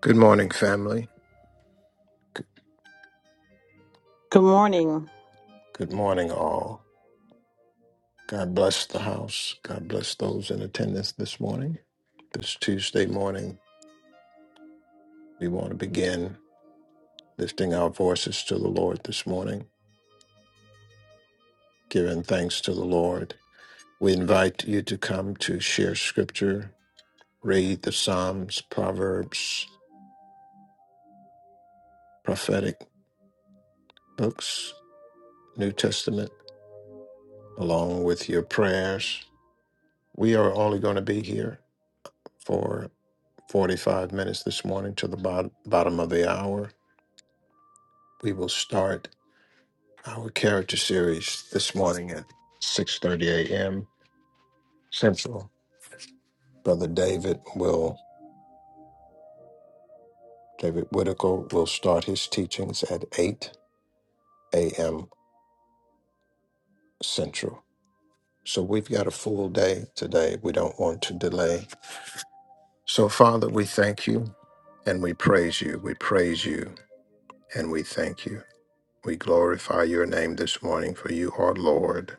Good morning, family. G- Good morning. Good morning, all. God bless the house. God bless those in attendance this morning. This Tuesday morning, we want to begin lifting our voices to the Lord this morning, giving thanks to the Lord. We invite you to come to share scripture, read the Psalms, Proverbs, prophetic books, New Testament, along with your prayers. We are only going to be here for 45 minutes this morning to the bot- bottom of the hour. We will start our character series this morning at 6:30 a.m. Central. Brother David will David Whitaker will start his teachings at 8 a.m. Central. So we've got a full day today. We don't want to delay. So Father, we thank you and we praise you. We praise you and we thank you. We glorify your name this morning for you are Lord.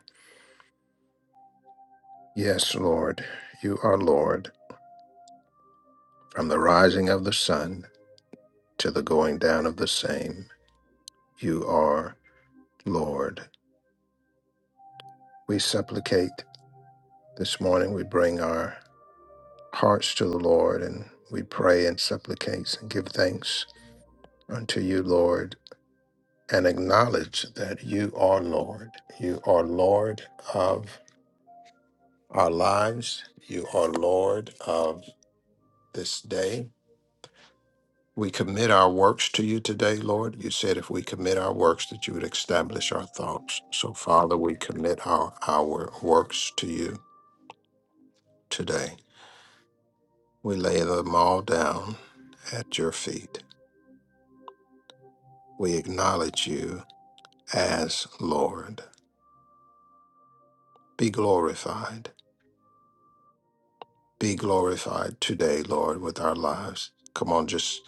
Yes, Lord, you are Lord. From the rising of the sun to the going down of the same, you are Lord. We supplicate this morning. We bring our hearts to the Lord and we pray and supplicate and give thanks unto you, Lord, and acknowledge that you are Lord. You are Lord of our lives. You are Lord of this day. We commit our works to you today, Lord. You said if we commit our works, that you would establish our thoughts. So, Father, we commit our, our works to you today. We lay them all down at your feet. We acknowledge you as Lord. Be glorified. Be glorified today, Lord, with our lives. Come on, just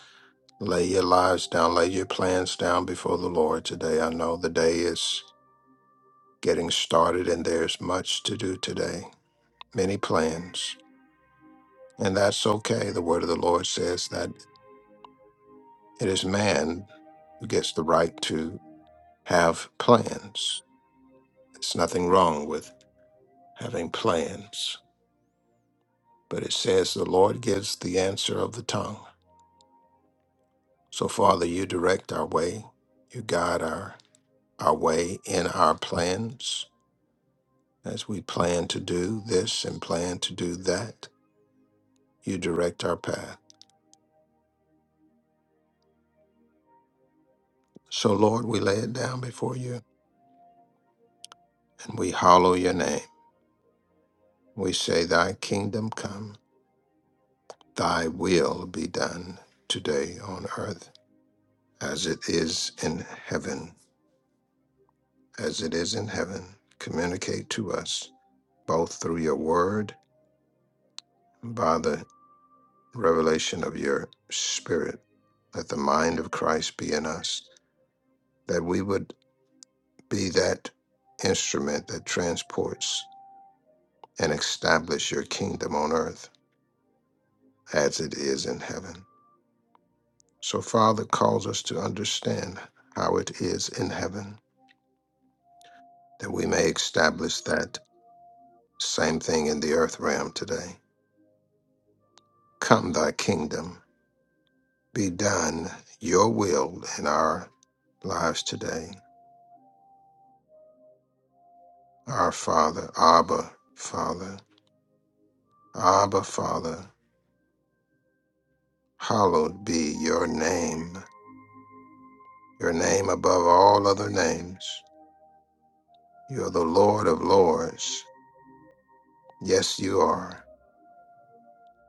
lay your lives down, lay your plans down before the Lord today. I know the day is getting started and there's much to do today many plans, and that's okay. The word of the Lord says that it is man who gets the right to have plans. There's nothing wrong with having plans, but it says the Lord gives the answer of the tongue. So, Father, you direct our way, you guide our, our way in our plans as we plan to do this and plan to do that. You direct our path. So, Lord, we lay it down before you and we hallow your name. We say, Thy kingdom come, Thy will be done today on earth as it is in heaven. As it is in heaven, communicate to us both through your word and by the revelation of your spirit. Let the mind of Christ be in us, that we would be that instrument that transports and establish your kingdom on earth as it is in heaven. So, Father calls us to understand how it is in heaven, that we may establish that same thing in the earth realm today. Come, thy kingdom, be done your will in our lives today. Our Father, Abba, Father, Abba, Father, hallowed be your name, your name above all other names. You are the Lord of lords. Yes, you are.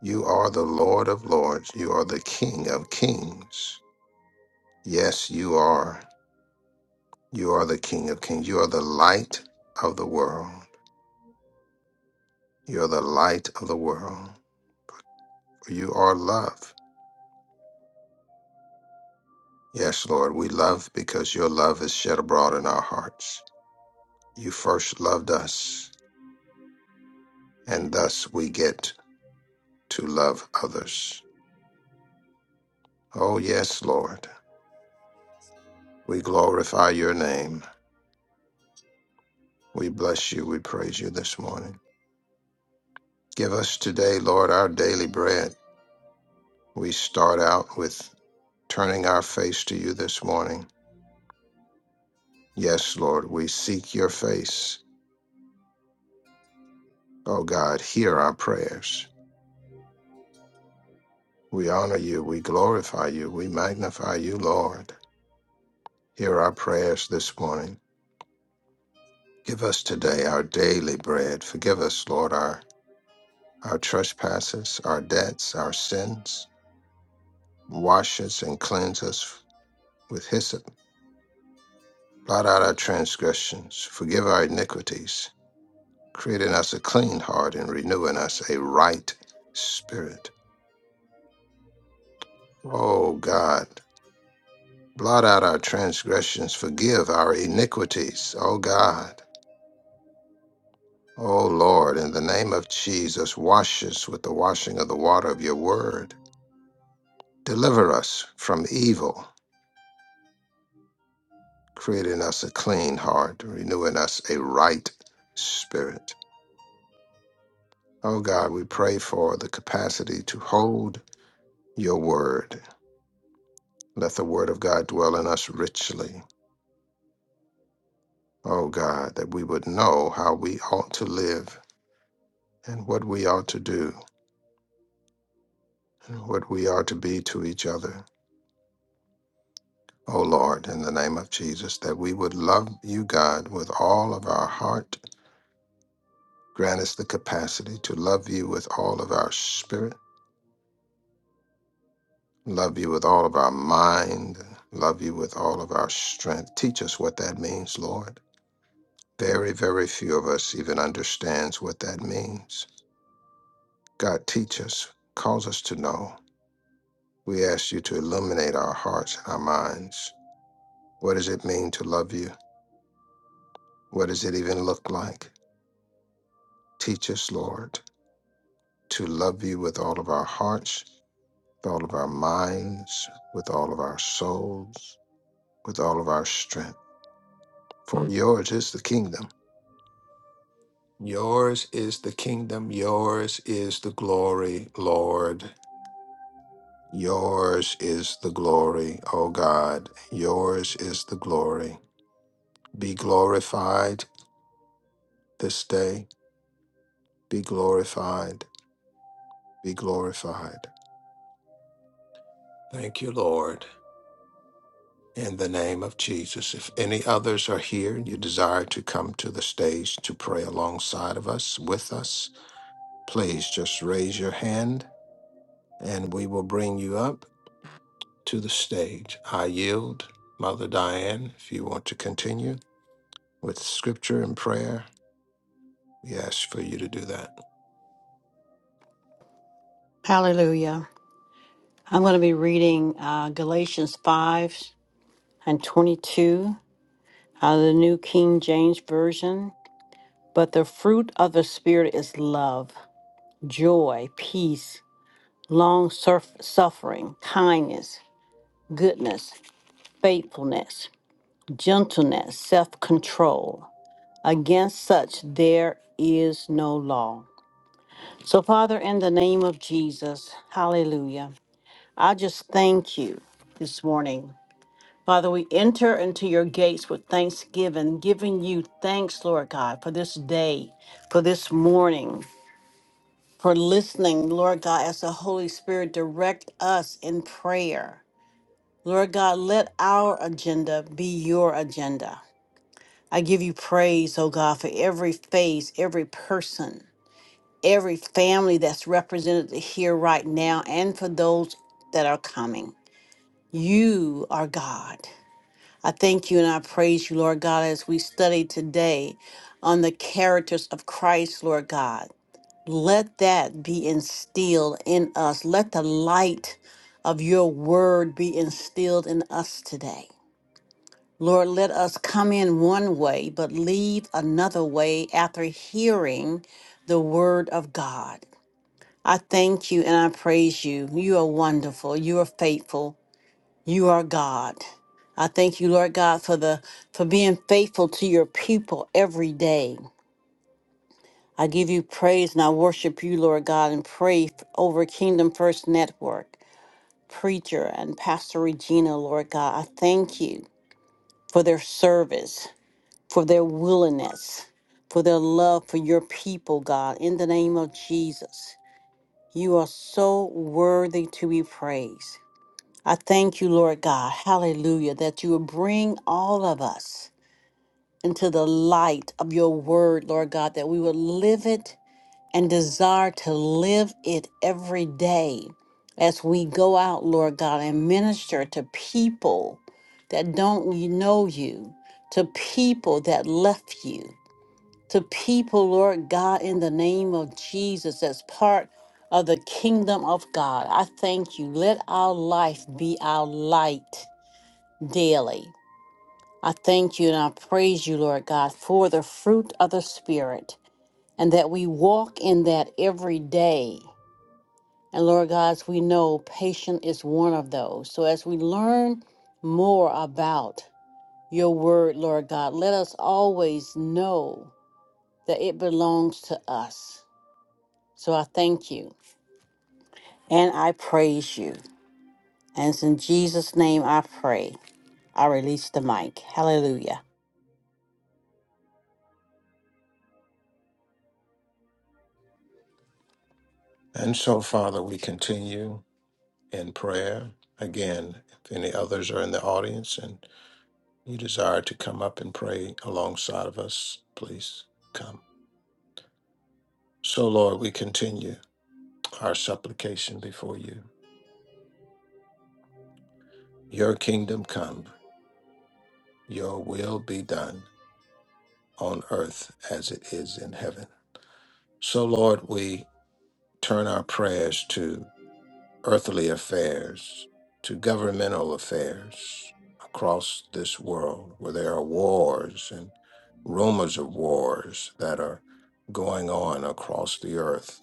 You are the Lord of lords. You are the King of kings. Yes, you are. You are the King of kings. You are the light of the world. You are the light of the world. You are love. Yes, Lord, we love because your love is shed abroad in our hearts. You first loved us, and thus we get to love others. Oh, yes, Lord. We glorify your name. We bless you. We praise you this morning. Give us today, Lord, our daily bread. We start out with turning our face to you this morning. Yes, Lord, we seek your face. Oh God, hear our prayers. We honor you. We glorify you. We magnify you, Lord. Hear our prayers this morning. Give us today our daily bread. Forgive us, Lord, our, our trespasses, our debts, our sins. Wash us and cleanse us with hyssop. Blot out our transgressions. Forgive our iniquities. creating us a clean heart and renewing us a right spirit. Oh God, blot out our transgressions, forgive our iniquities. Oh God, oh Lord, in the name of Jesus, wash us with the washing of the water of your word. Deliver us from evil, creating us a clean heart, renewing us a right spirit. Oh God, we pray for the capacity to hold your word. Let the word of God dwell in us richly O God, that we would know how we ought to live and what we ought to do and what we are to be to each other. O Lord, in the name of Jesus, that we would love you, God, with all of our heart. Grant us the capacity to love you with all of our spirit, love you with all of our mind, love you with all of our strength. Teach us what that means, Lord. Very, very few of us even understands what that means. God, teach us, cause us to know. We ask you to illuminate our hearts and our minds. What does it mean to love you? What does it even look like? Teach us, Lord, to love you with all of our hearts, with all of our minds, with all of our souls, with all of our strength. For yours is the kingdom. Yours is the kingdom. Yours is the glory, Lord. Yours is the glory, O God. Yours is the glory. Be glorified this day Be glorified. Be glorified. Thank you, Lord. In the name of Jesus. If any others are here and you desire to come to the stage to pray alongside of us, with us, please just raise your hand and we will bring you up to the stage. I yield. Mother Diane, if you want to continue with scripture and prayer, we ask for you to do that. Hallelujah. I'm going to be reading uh, Galatians 5 and 22 out of the New King James Version. But the fruit of the Spirit is love, joy, peace, long surf- suffering, kindness, goodness, faithfulness, gentleness, self control. Against such there is no law. So, Father, in the name of Jesus, hallelujah. I just thank you this morning. Father, we enter into your gates with thanksgiving, giving you thanks, Lord God, for this day, for this morning, for listening, Lord God, as the Holy Spirit direct us in prayer. Lord God, let our agenda be your agenda. I give you praise, oh God, for every face, every person, every family that's represented here right now, and for those that are coming. You are God. I thank you and I praise you, Lord God, as we study today on the characters of Christ, Lord God. Let that be instilled in us. Let the light of your word be instilled in us today. Lord, let us come in one way, but leave another way after hearing the word of God. I thank you and I praise you. You are wonderful. You are faithful. You are God. I thank you, Lord God, for the for being faithful to your people every day. I give you praise and I worship you, Lord God, and pray f- over Kingdom First Network, preacher and Pastor Regina, Lord God. I thank you for their service, for their willingness, for their love for your people, God, in the name of Jesus. You are so worthy to be praised. I thank you, Lord God, hallelujah, that you will bring all of us into the light of your word, Lord God, that we will live it and desire to live it every day as we go out, Lord God, and minister to people that don't y- know you, to people that left you, to people, Lord God, in the name of Jesus, as part of the kingdom of God. I thank you. Let our life be our light daily. I thank you and I praise you, Lord God, for the fruit of the Spirit and that we walk in that every day. And Lord God, as we know, patience is one of those. So as we learn more about your word, Lord God, let us always know that it belongs to us. So I thank you and I praise you. And it's in Jesus' name I pray. I release the mic. Hallelujah. And so, Father, we continue in prayer. Again, if any others are in the audience and you desire to come up and pray alongside of us, please come. So, Lord, we continue our supplication before you. Your kingdom come, your will be done on earth as it is in heaven. So, Lord, we turn our prayers to earthly affairs, to governmental affairs across this world where there are wars and rumors of wars that are going on across the earth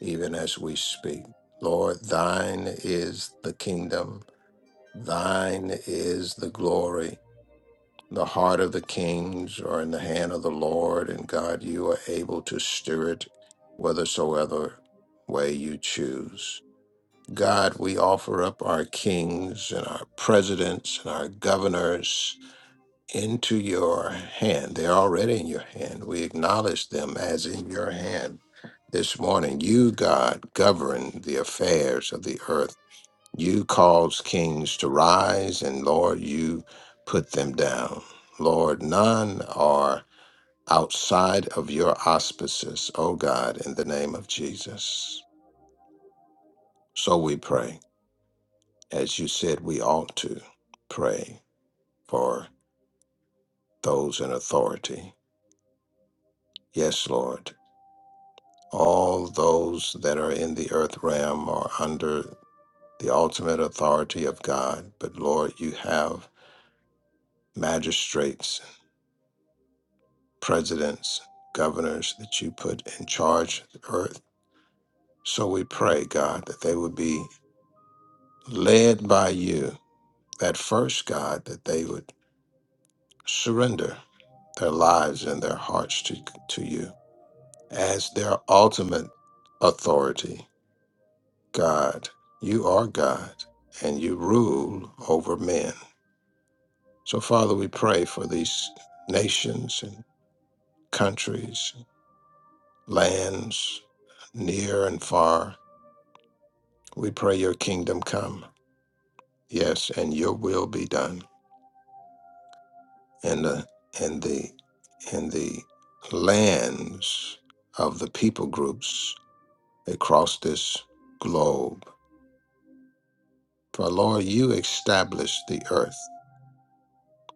even as we speak. Lord, thine is the kingdom, thine is the glory. The heart of the kings are in the hand of the Lord, and God, you are able to stir it whithersoever way you choose. God, we offer up our kings and our presidents and our governors into your hand. They're already in your hand. We acknowledge them as in your hand this morning. You, God, govern the affairs of the earth. You cause kings to rise, and Lord, you put them down. Lord, none are outside of your auspices, O God, in the name of Jesus. So we pray, as you said we ought to pray for those in authority. Yes, Lord. All those that are in the earth realm are under the ultimate authority of God. But Lord, you have magistrates, presidents, governors that you put in charge of the earth. So we pray, God, that they would be led by you. That first, God, that they would surrender their lives and their hearts to, to you as their ultimate authority. God, you are God and you rule over men. So, Father, we pray for these nations countries, lands, near and far. We pray your kingdom come. Yes, and your will be done in the in the in the lands of the people groups across this globe. For Lord, you establish the earth.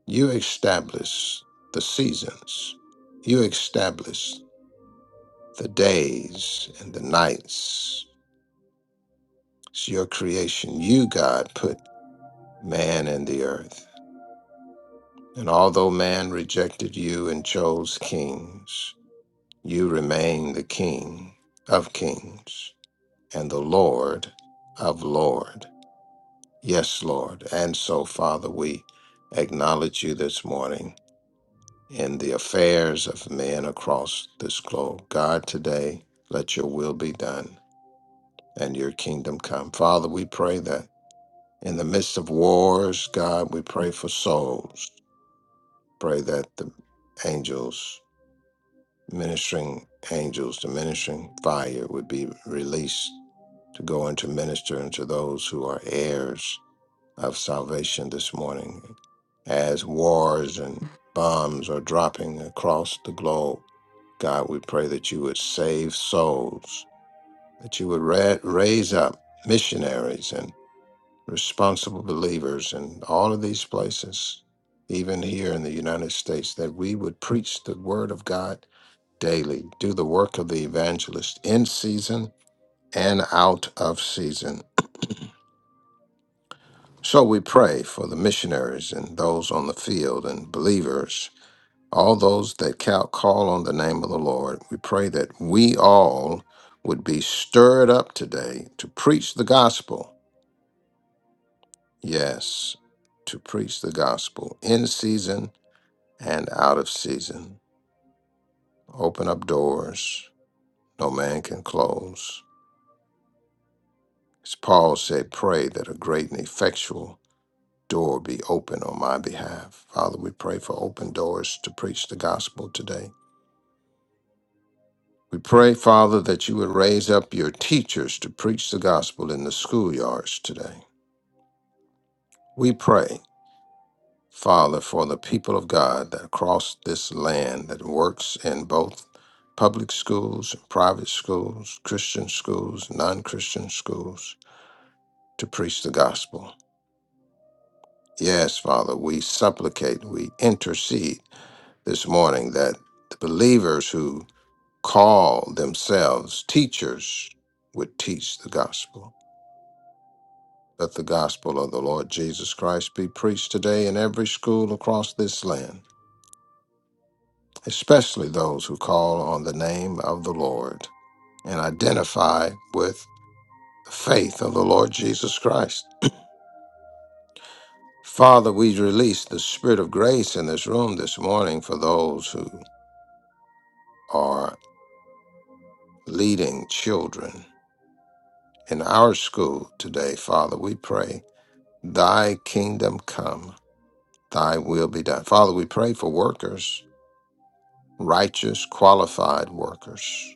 You establish the seasons. You establish the days and the nights. It's your creation. You, God, put man and the earth. And although man rejected you and chose kings, you remain the king of kings and the Lord of lords. Yes, Lord. And so, Father, we acknowledge you this morning in the affairs of men across this globe. God, today, let your will be done and your kingdom come. Father, we pray that in the midst of wars, God, we pray for souls. Pray that the angels, ministering angels, the ministering fire would be released to go into minister unto those who are heirs of salvation this morning. As wars and bombs are dropping across the globe, God, we pray that you would save souls, that you would ra- raise up missionaries and responsible believers in all of these places, even here in the United States, that we would preach the word of God daily, do the work of the evangelist in season and out of season. So we pray for the missionaries and those on the field and believers, all those that ca- call on the name of the Lord. We pray that we all would be stirred up today to preach the gospel. Yes, to preach the gospel in season and out of season. Open up doors no man can close. As Paul said, pray that a great and effectual door be open on my behalf. Father, we pray for open doors to preach the gospel today. We pray, Father, that you would raise up your teachers to preach the gospel in the schoolyards today. We pray Father, for the people of God that across this land that works in both public schools, private schools, Christian schools, non Christian schools, to preach the gospel. Yes, Father, we supplicate, we intercede this morning that the believers who call themselves teachers would teach the gospel. Let the gospel of the Lord Jesus Christ be preached today in every school across this land. especially those who call on the name of the Lord and identify with the faith of the Lord Jesus Christ. Father, we release the spirit of grace in this room this morning for those who are leading children in our school today. Father, we pray, Thy kingdom come, Thy will be done. Father, we pray for workers, righteous, qualified workers.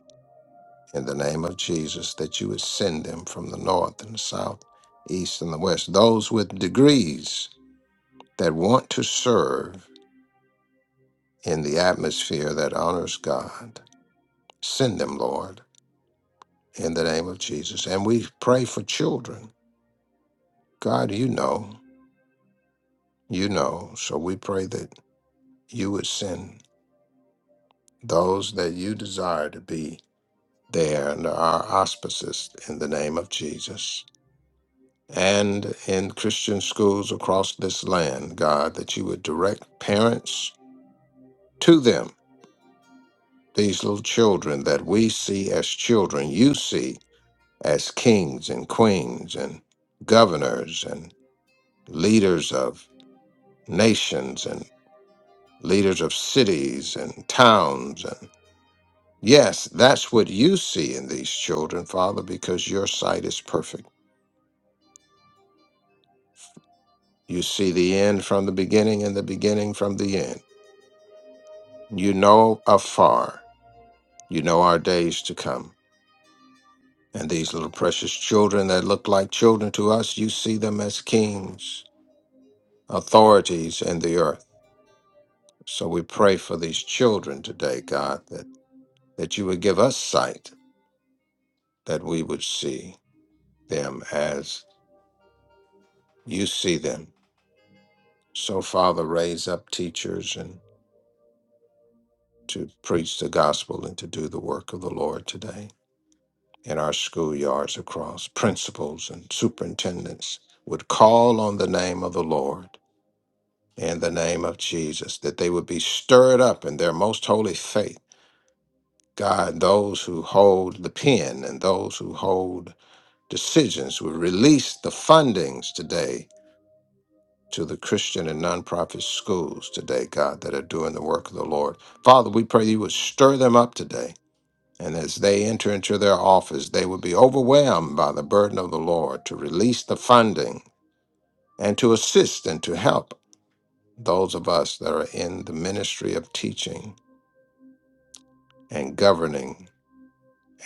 in the name of Jesus that you would send them from the north and the south, east and the west, those with degrees that want to serve in the atmosphere that honors God. Send them, Lord, in the name of Jesus. And we pray for children. God, you know, you know. So we pray that you would send those that you desire to be there under our auspices in the name of Jesus. and in Christian schools across this land, God, that you would direct parents to them, these little children that we see as children, you see as kings and queens and governors and leaders of nations and leaders of cities and towns and yes that's what you see in these children father because your sight is perfect you see the end from the beginning and the beginning from the end you know afar You know our days to come. And these little precious children that look like children to us, you see them as kings, authorities in the earth. So we pray for these children today, God, that, that you would give us sight, that we would see them as you see them. So, Father, raise up teachers and to preach the gospel and to do the work of the Lord today in our schoolyards across. Principals and superintendents would call on the name of the Lord in the name of Jesus, that they would be stirred up in their most holy faith. God, those who hold the pen and those who hold decisions will release the fundings today to the Christian and nonprofit schools today, God, that are doing the work of the Lord. Father, we pray you would stir them up today. And as they enter into their office, they would be overwhelmed by the burden of the Lord to release the funding and to assist and to help those of us that are in the ministry of teaching and governing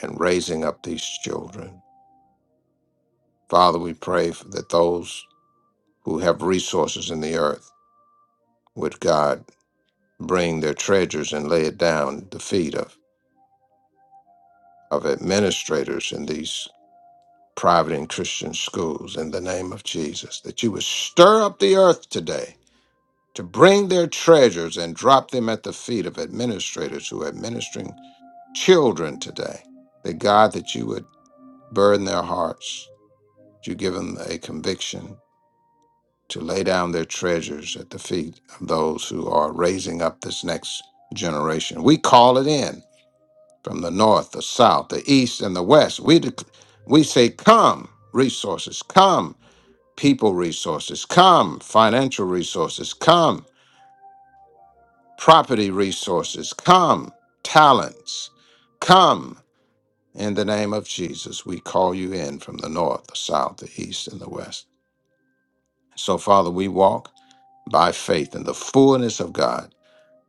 and raising up these children. Father, we pray for that those who have resources in the earth would God bring their treasures and lay it down at the feet of, of administrators in these private and Christian schools in the name of Jesus, that you would stir up the earth today to bring their treasures and drop them at the feet of administrators who are administering children today. That God, that you would burden their hearts, that you give them a conviction to lay down their treasures at the feet of those who are raising up this next generation. We call it in from the north, the south, the east, and the west. We dec- we say, "Come, resources, come, people resources, come, financial resources, come, property resources, come, talents, come." In the name of Jesus, we call you in from the north, the south, the east, and the west. So, Father, we walk by faith in the fullness of God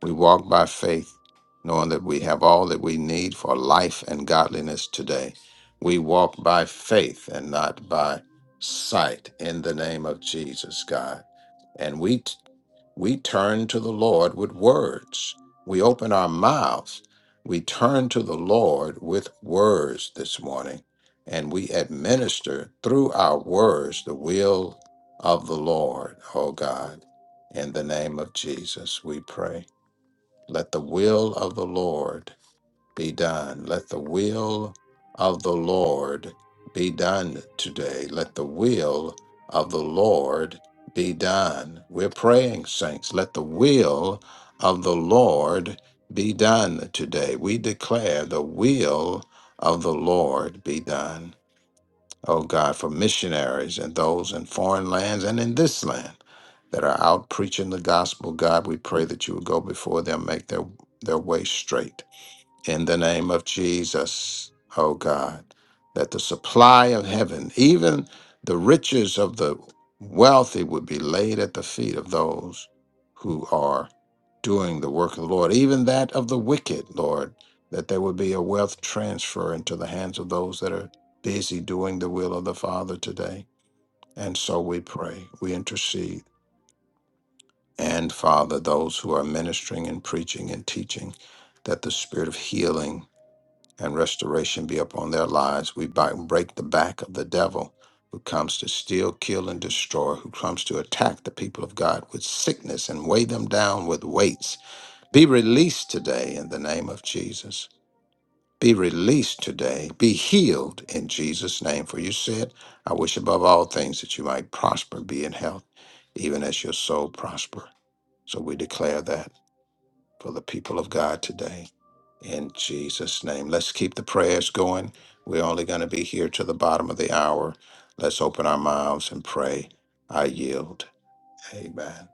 We walk by faith, knowing that we have all that we need for life and godliness today. We walk by faith and not by sight in the name of Jesus, God. And we t- we turn to the Lord with words. We open our mouths. We turn to the Lord with words this morning, and we administer through our words the will of the Lord, oh God. In the name of Jesus, we pray. Let the will of the Lord be done. Let the will of the Lord be done today. Let the will of the Lord be done. We're praying, saints. Let the will of the Lord be done today. We declare the will of the Lord be done. Oh God, for missionaries and those in foreign lands and in this land that are out preaching the gospel. God, we pray that you would go before them, make their, their way straight in the name of Jesus, oh God, that the supply of heaven, even the riches of the wealthy, would be laid at the feet of those who are doing the work of the Lord, even that of the wicked, Lord, that there would be a wealth transfer into the hands of those that are busy doing the will of the Father today. And so we pray, we intercede, and Father, those who are ministering and preaching and teaching, that the spirit of healing and restoration be upon their lives. We bi- break the back of the devil who comes to steal, kill, and destroy, who comes to attack the people of God with sickness and weigh them down with weights. Be released today in the name of Jesus. Be released today. Be healed in Jesus' name. For you said, I wish above all things that you might prosper, be in health, even as your soul prosper. So we declare that for the people of God today. In Jesus' name. Let's keep the prayers going. We're only going to be here to the bottom of the hour. Let's open our mouths and pray. I yield. Amen.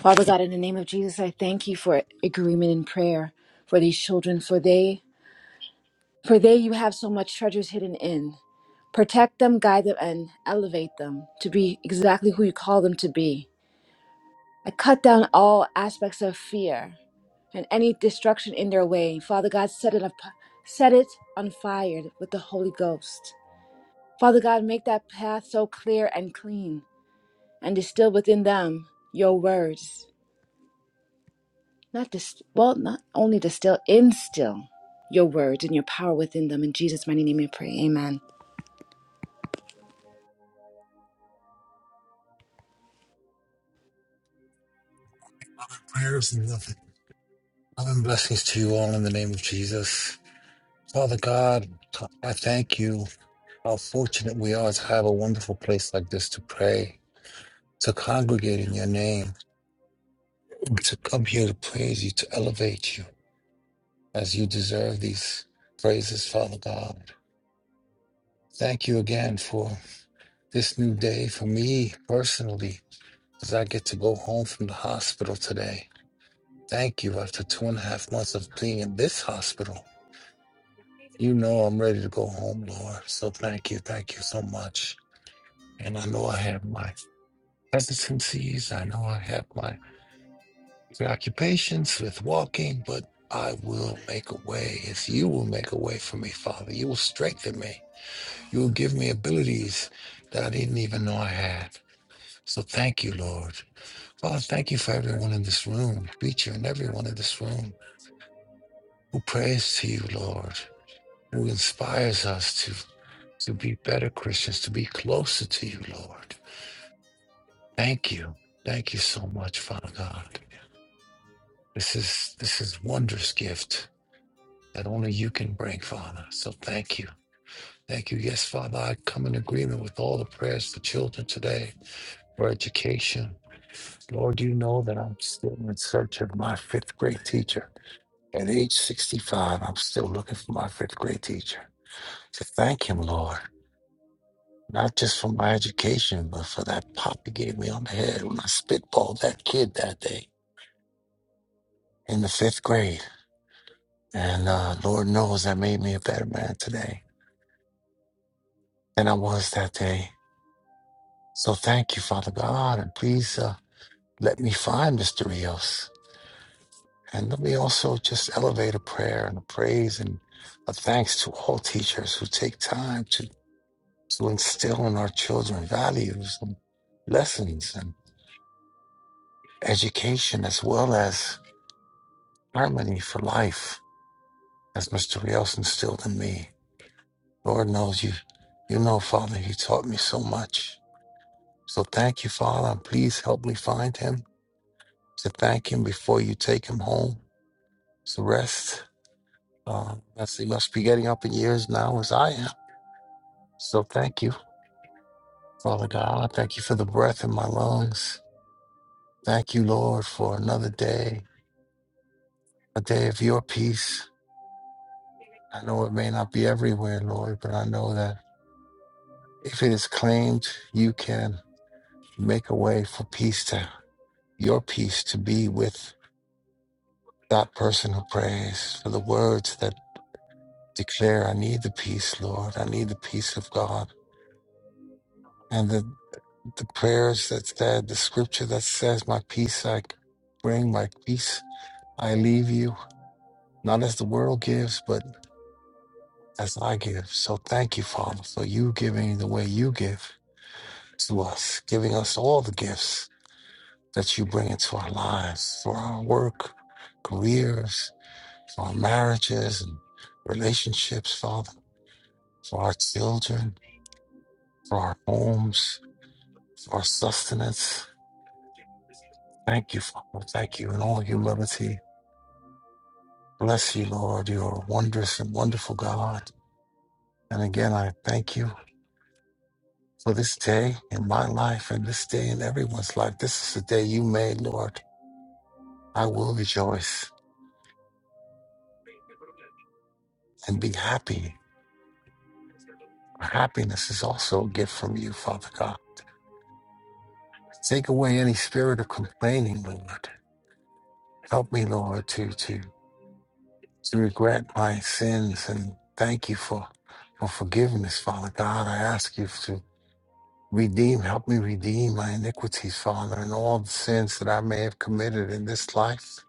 Father God, in the name of Jesus, I thank you for agreement in prayer for these children, for they for they you have so much treasures hidden in. Protect them, guide them, and elevate them to be exactly who you call them to be. I cut down all aspects of fear and any destruction in their way. Father God, set it up, set it on fire with the Holy Ghost. Father God, make that path so clear and clean, and distill within them your words Not dis- well, not only distill, instill your words and your power within them. In Jesus' mighty name we pray. Amen. prayers and love, love and blessings to you all in the name of Jesus. Father God, I thank you how fortunate we are to have a wonderful place like this to pray, to congregate in your name, to come here to praise you, to elevate you as you deserve these praises, Father God. Thank you again for this new day for me personally, as I get to go home from the hospital today. Thank you after two and a half months of being in this hospital. You know I'm ready to go home, Lord. So thank you. Thank you so much. And I know I have my hesitancies. I know I have my preoccupations with walking, but I will make a way. As you will make a way for me, Father. You will strengthen me. You will give me abilities that I didn't even know I had. So thank you, Lord. Father, thank you for everyone in this room, preacher and everyone in this room who prays to you, Lord, who inspires us to. to be better Christians, to be closer to you, Lord. Thank you. Thank you so much, Father God. This is this is wondrous gift that only you can bring, Father. So thank you. Thank you. Yes, Father, I come in agreement with all the prayers for children today, for education. Lord, you know that I'm still in search of my fifth grade teacher. At age 65, I'm still looking for my fifth grade teacher. So thank him, Lord. not just for my education, but for that pop he gave me on the head when I spitballed that kid that day in the fifth grade. And uh, Lord knows that made me a better man today than I was that day. So thank you, Father God, and please uh, let me find Mr. Rios. And let me also just elevate a prayer and a praise and a thanks to all teachers who take time to, to instill in our children values and lessons and education as well as harmony for life, as Mr. Rios instilled in me. Lord knows you, you know, Father, he taught me so much. So thank you, Father, and please help me find him to thank him before you take him home to rest. Uh, as he must be getting up in years now, as I am. So thank you, Father God. Thank you for the breath in my lungs. Thank you, Lord, for another day, a day of your peace. I know it may not be everywhere, Lord, but I know that if it is claimed, you can. Make a way for peace to, your peace to be with that person who prays, for the words that declare, I need the peace, Lord. I need the peace of God. And the, the prayers that said, the scripture that says, My peace I bring, my peace I leave you, not as the world gives, but as I give. So thank you, Father, for you giving the way you give to us, giving us all the gifts that you bring into our lives, for our work, careers, for our marriages and relationships, Father, for our children, for our homes, for our sustenance. Thank you, Father. Thank you in all humility. Bless you, Lord. You are a wondrous and wonderful God. And again, I thank you for this day in my life and this day in everyone's life. This is the day you made, Lord. I will rejoice and be happy. Happiness is also a gift from you, Father God. Take away any spirit of complaining, Lord. Help me, Lord, to, to to regret my sins and thank you for, for forgiveness, Father God. I ask you to redeem, help me redeem my iniquities, Father, and all the sins that I may have committed in this life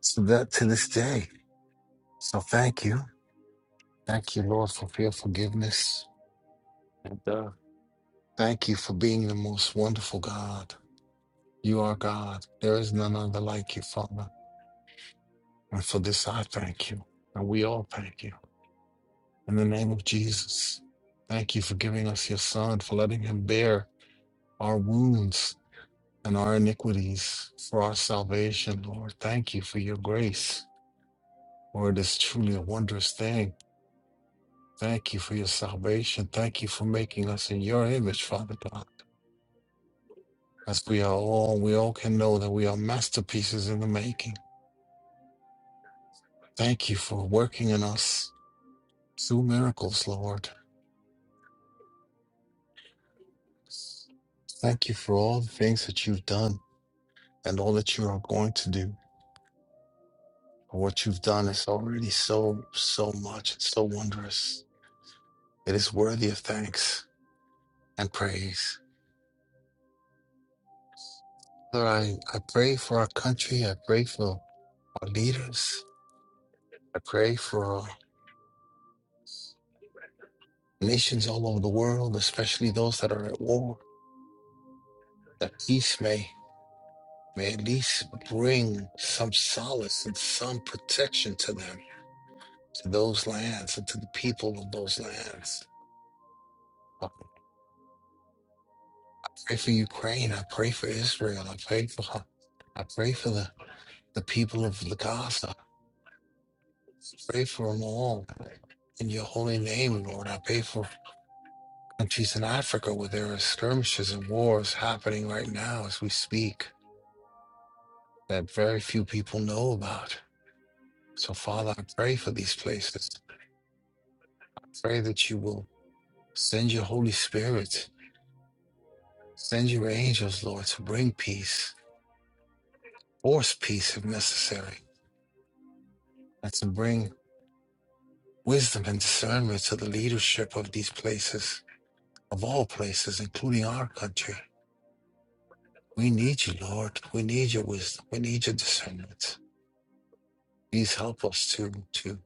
so that to this day. So thank you. Thank you, Lord, for your forgiveness. And uh, thank you for being the most wonderful God. You are God. There is none other like you, Father. And for this I thank you. And we all thank you. In the name of Jesus, thank you for giving us your Son, for letting him bear our wounds and our iniquities for our salvation, Lord. Thank you for your grace, for it is truly a wondrous thing. Thank you for your salvation. Thank you for making us in your image, Father God. As we are all, we all can know that we are masterpieces in the making. Thank you for working in us through miracles, Lord. Thank you for all the things that you've done and all that you are going to do. What you've done is already so, so much. It's so wondrous. It is worthy of thanks and praise. Father, I, I pray for our country. I pray for our leaders. I pray for nations all over the world, especially those that are at war, that peace may, may at least bring some solace and some protection to them, to those lands and to the people of those lands. I pray for Ukraine. I pray for Israel. I pray for I pray for the the people of Gaza. Pray for them all. In your holy name, Lord, I pray for countries in Africa where there are skirmishes and wars happening right now as we speak that very few people know about. So, Father, I pray for these places. Pray that you will send your Holy Spirit, send your angels, Lord, to bring peace, force peace if necessary, and to bring wisdom and discernment to the leadership of these places, of all places, including our country. We need you, Lord. We need your wisdom. We need your discernment. Please help us to to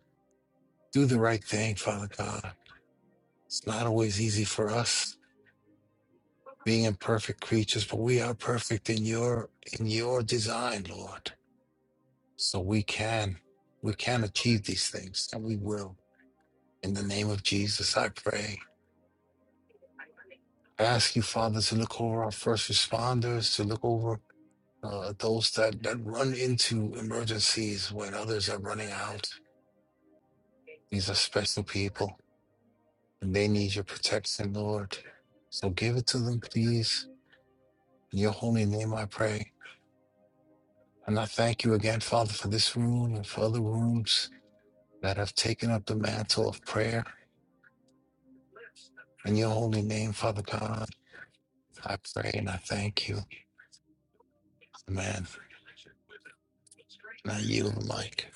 do the right thing, Father God. It's not always easy for us being imperfect creatures, but we are perfect in your in your design, Lord. So we can we can achieve these things, and we will. In the name of Jesus, I pray. I ask you, Father, to look over our first responders, to look over uh, those that, that run into emergencies when others are running out These are special people, and they need your protection, Lord. So give it to them, please. In your holy name, I pray. And I thank you again, Father, for this room and for other rooms that have taken up the mantle of prayer. In your holy name, Father God, I pray and I thank you. Amen. And I yield the mic.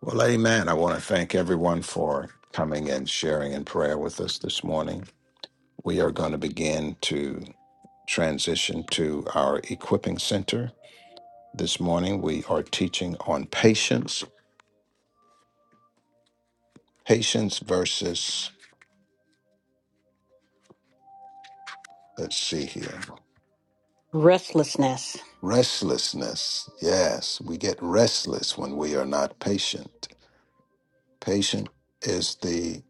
Well, amen. I want to thank everyone for coming and sharing in prayer with us this morning. We are going to begin to transition to our equipping center. This morning, we are teaching on patience, patience versus, let's see here. Restlessness. Restlessness. Yes, we get restless when we are not patient. Patient is the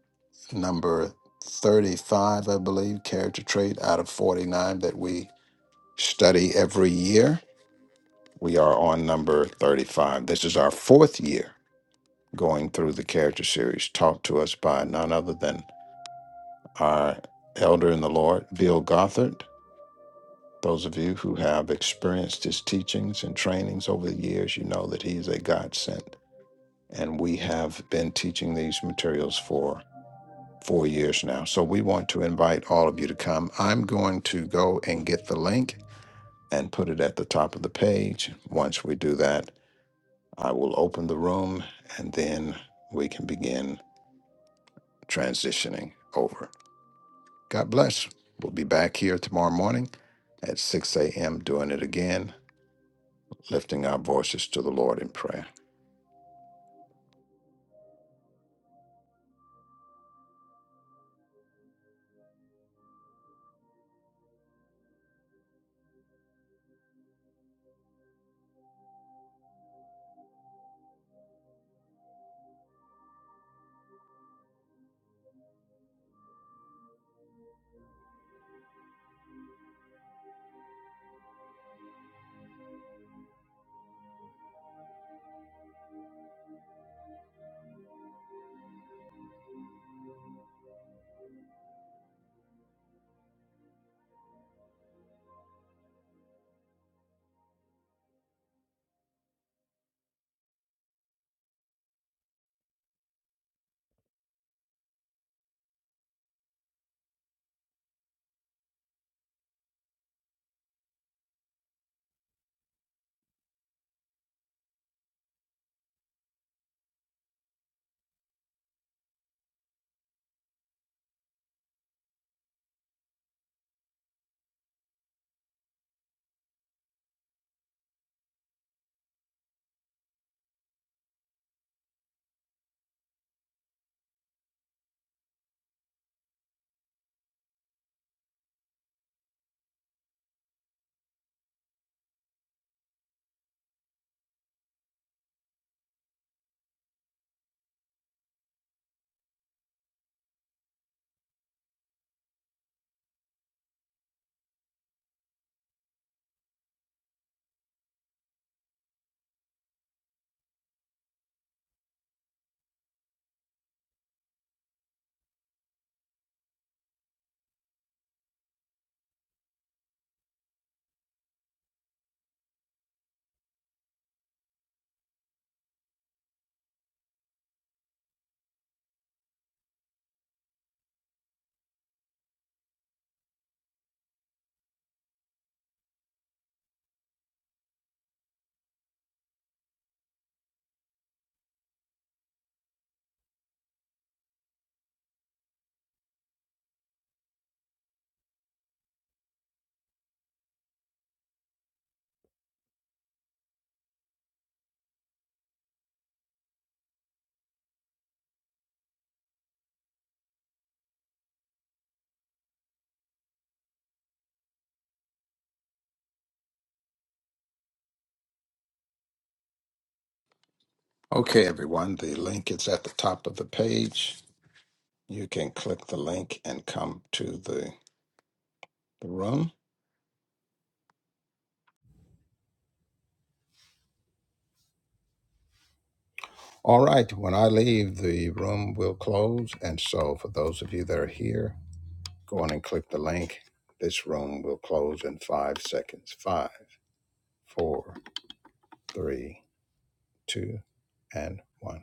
number 35, I believe, character trait out of 49 that we study every year. We are on number 35. This is our fourth year going through the character series taught to us by none other than our elder in the Lord, Bill Gothard. Those of you who have experienced his teachings and trainings over the years, you know that he is a godsend and we have been teaching these materials for four years now. So we want to invite all of you to come. I'm going to go and get the link and put it at the top of the page. Once we do that, I will open the room and then we can begin transitioning over. God bless. We'll be back here tomorrow morning at 6 a.m. doing it again, lifting our voices to the Lord in prayer. Okay, everyone, the link is at the top of the page. you can click the link and come to the, the room. All right, when I leave, the room will close. And so, for those of you that are here, go on and click the link. This room will close in five seconds. Five, four, three, two, and one.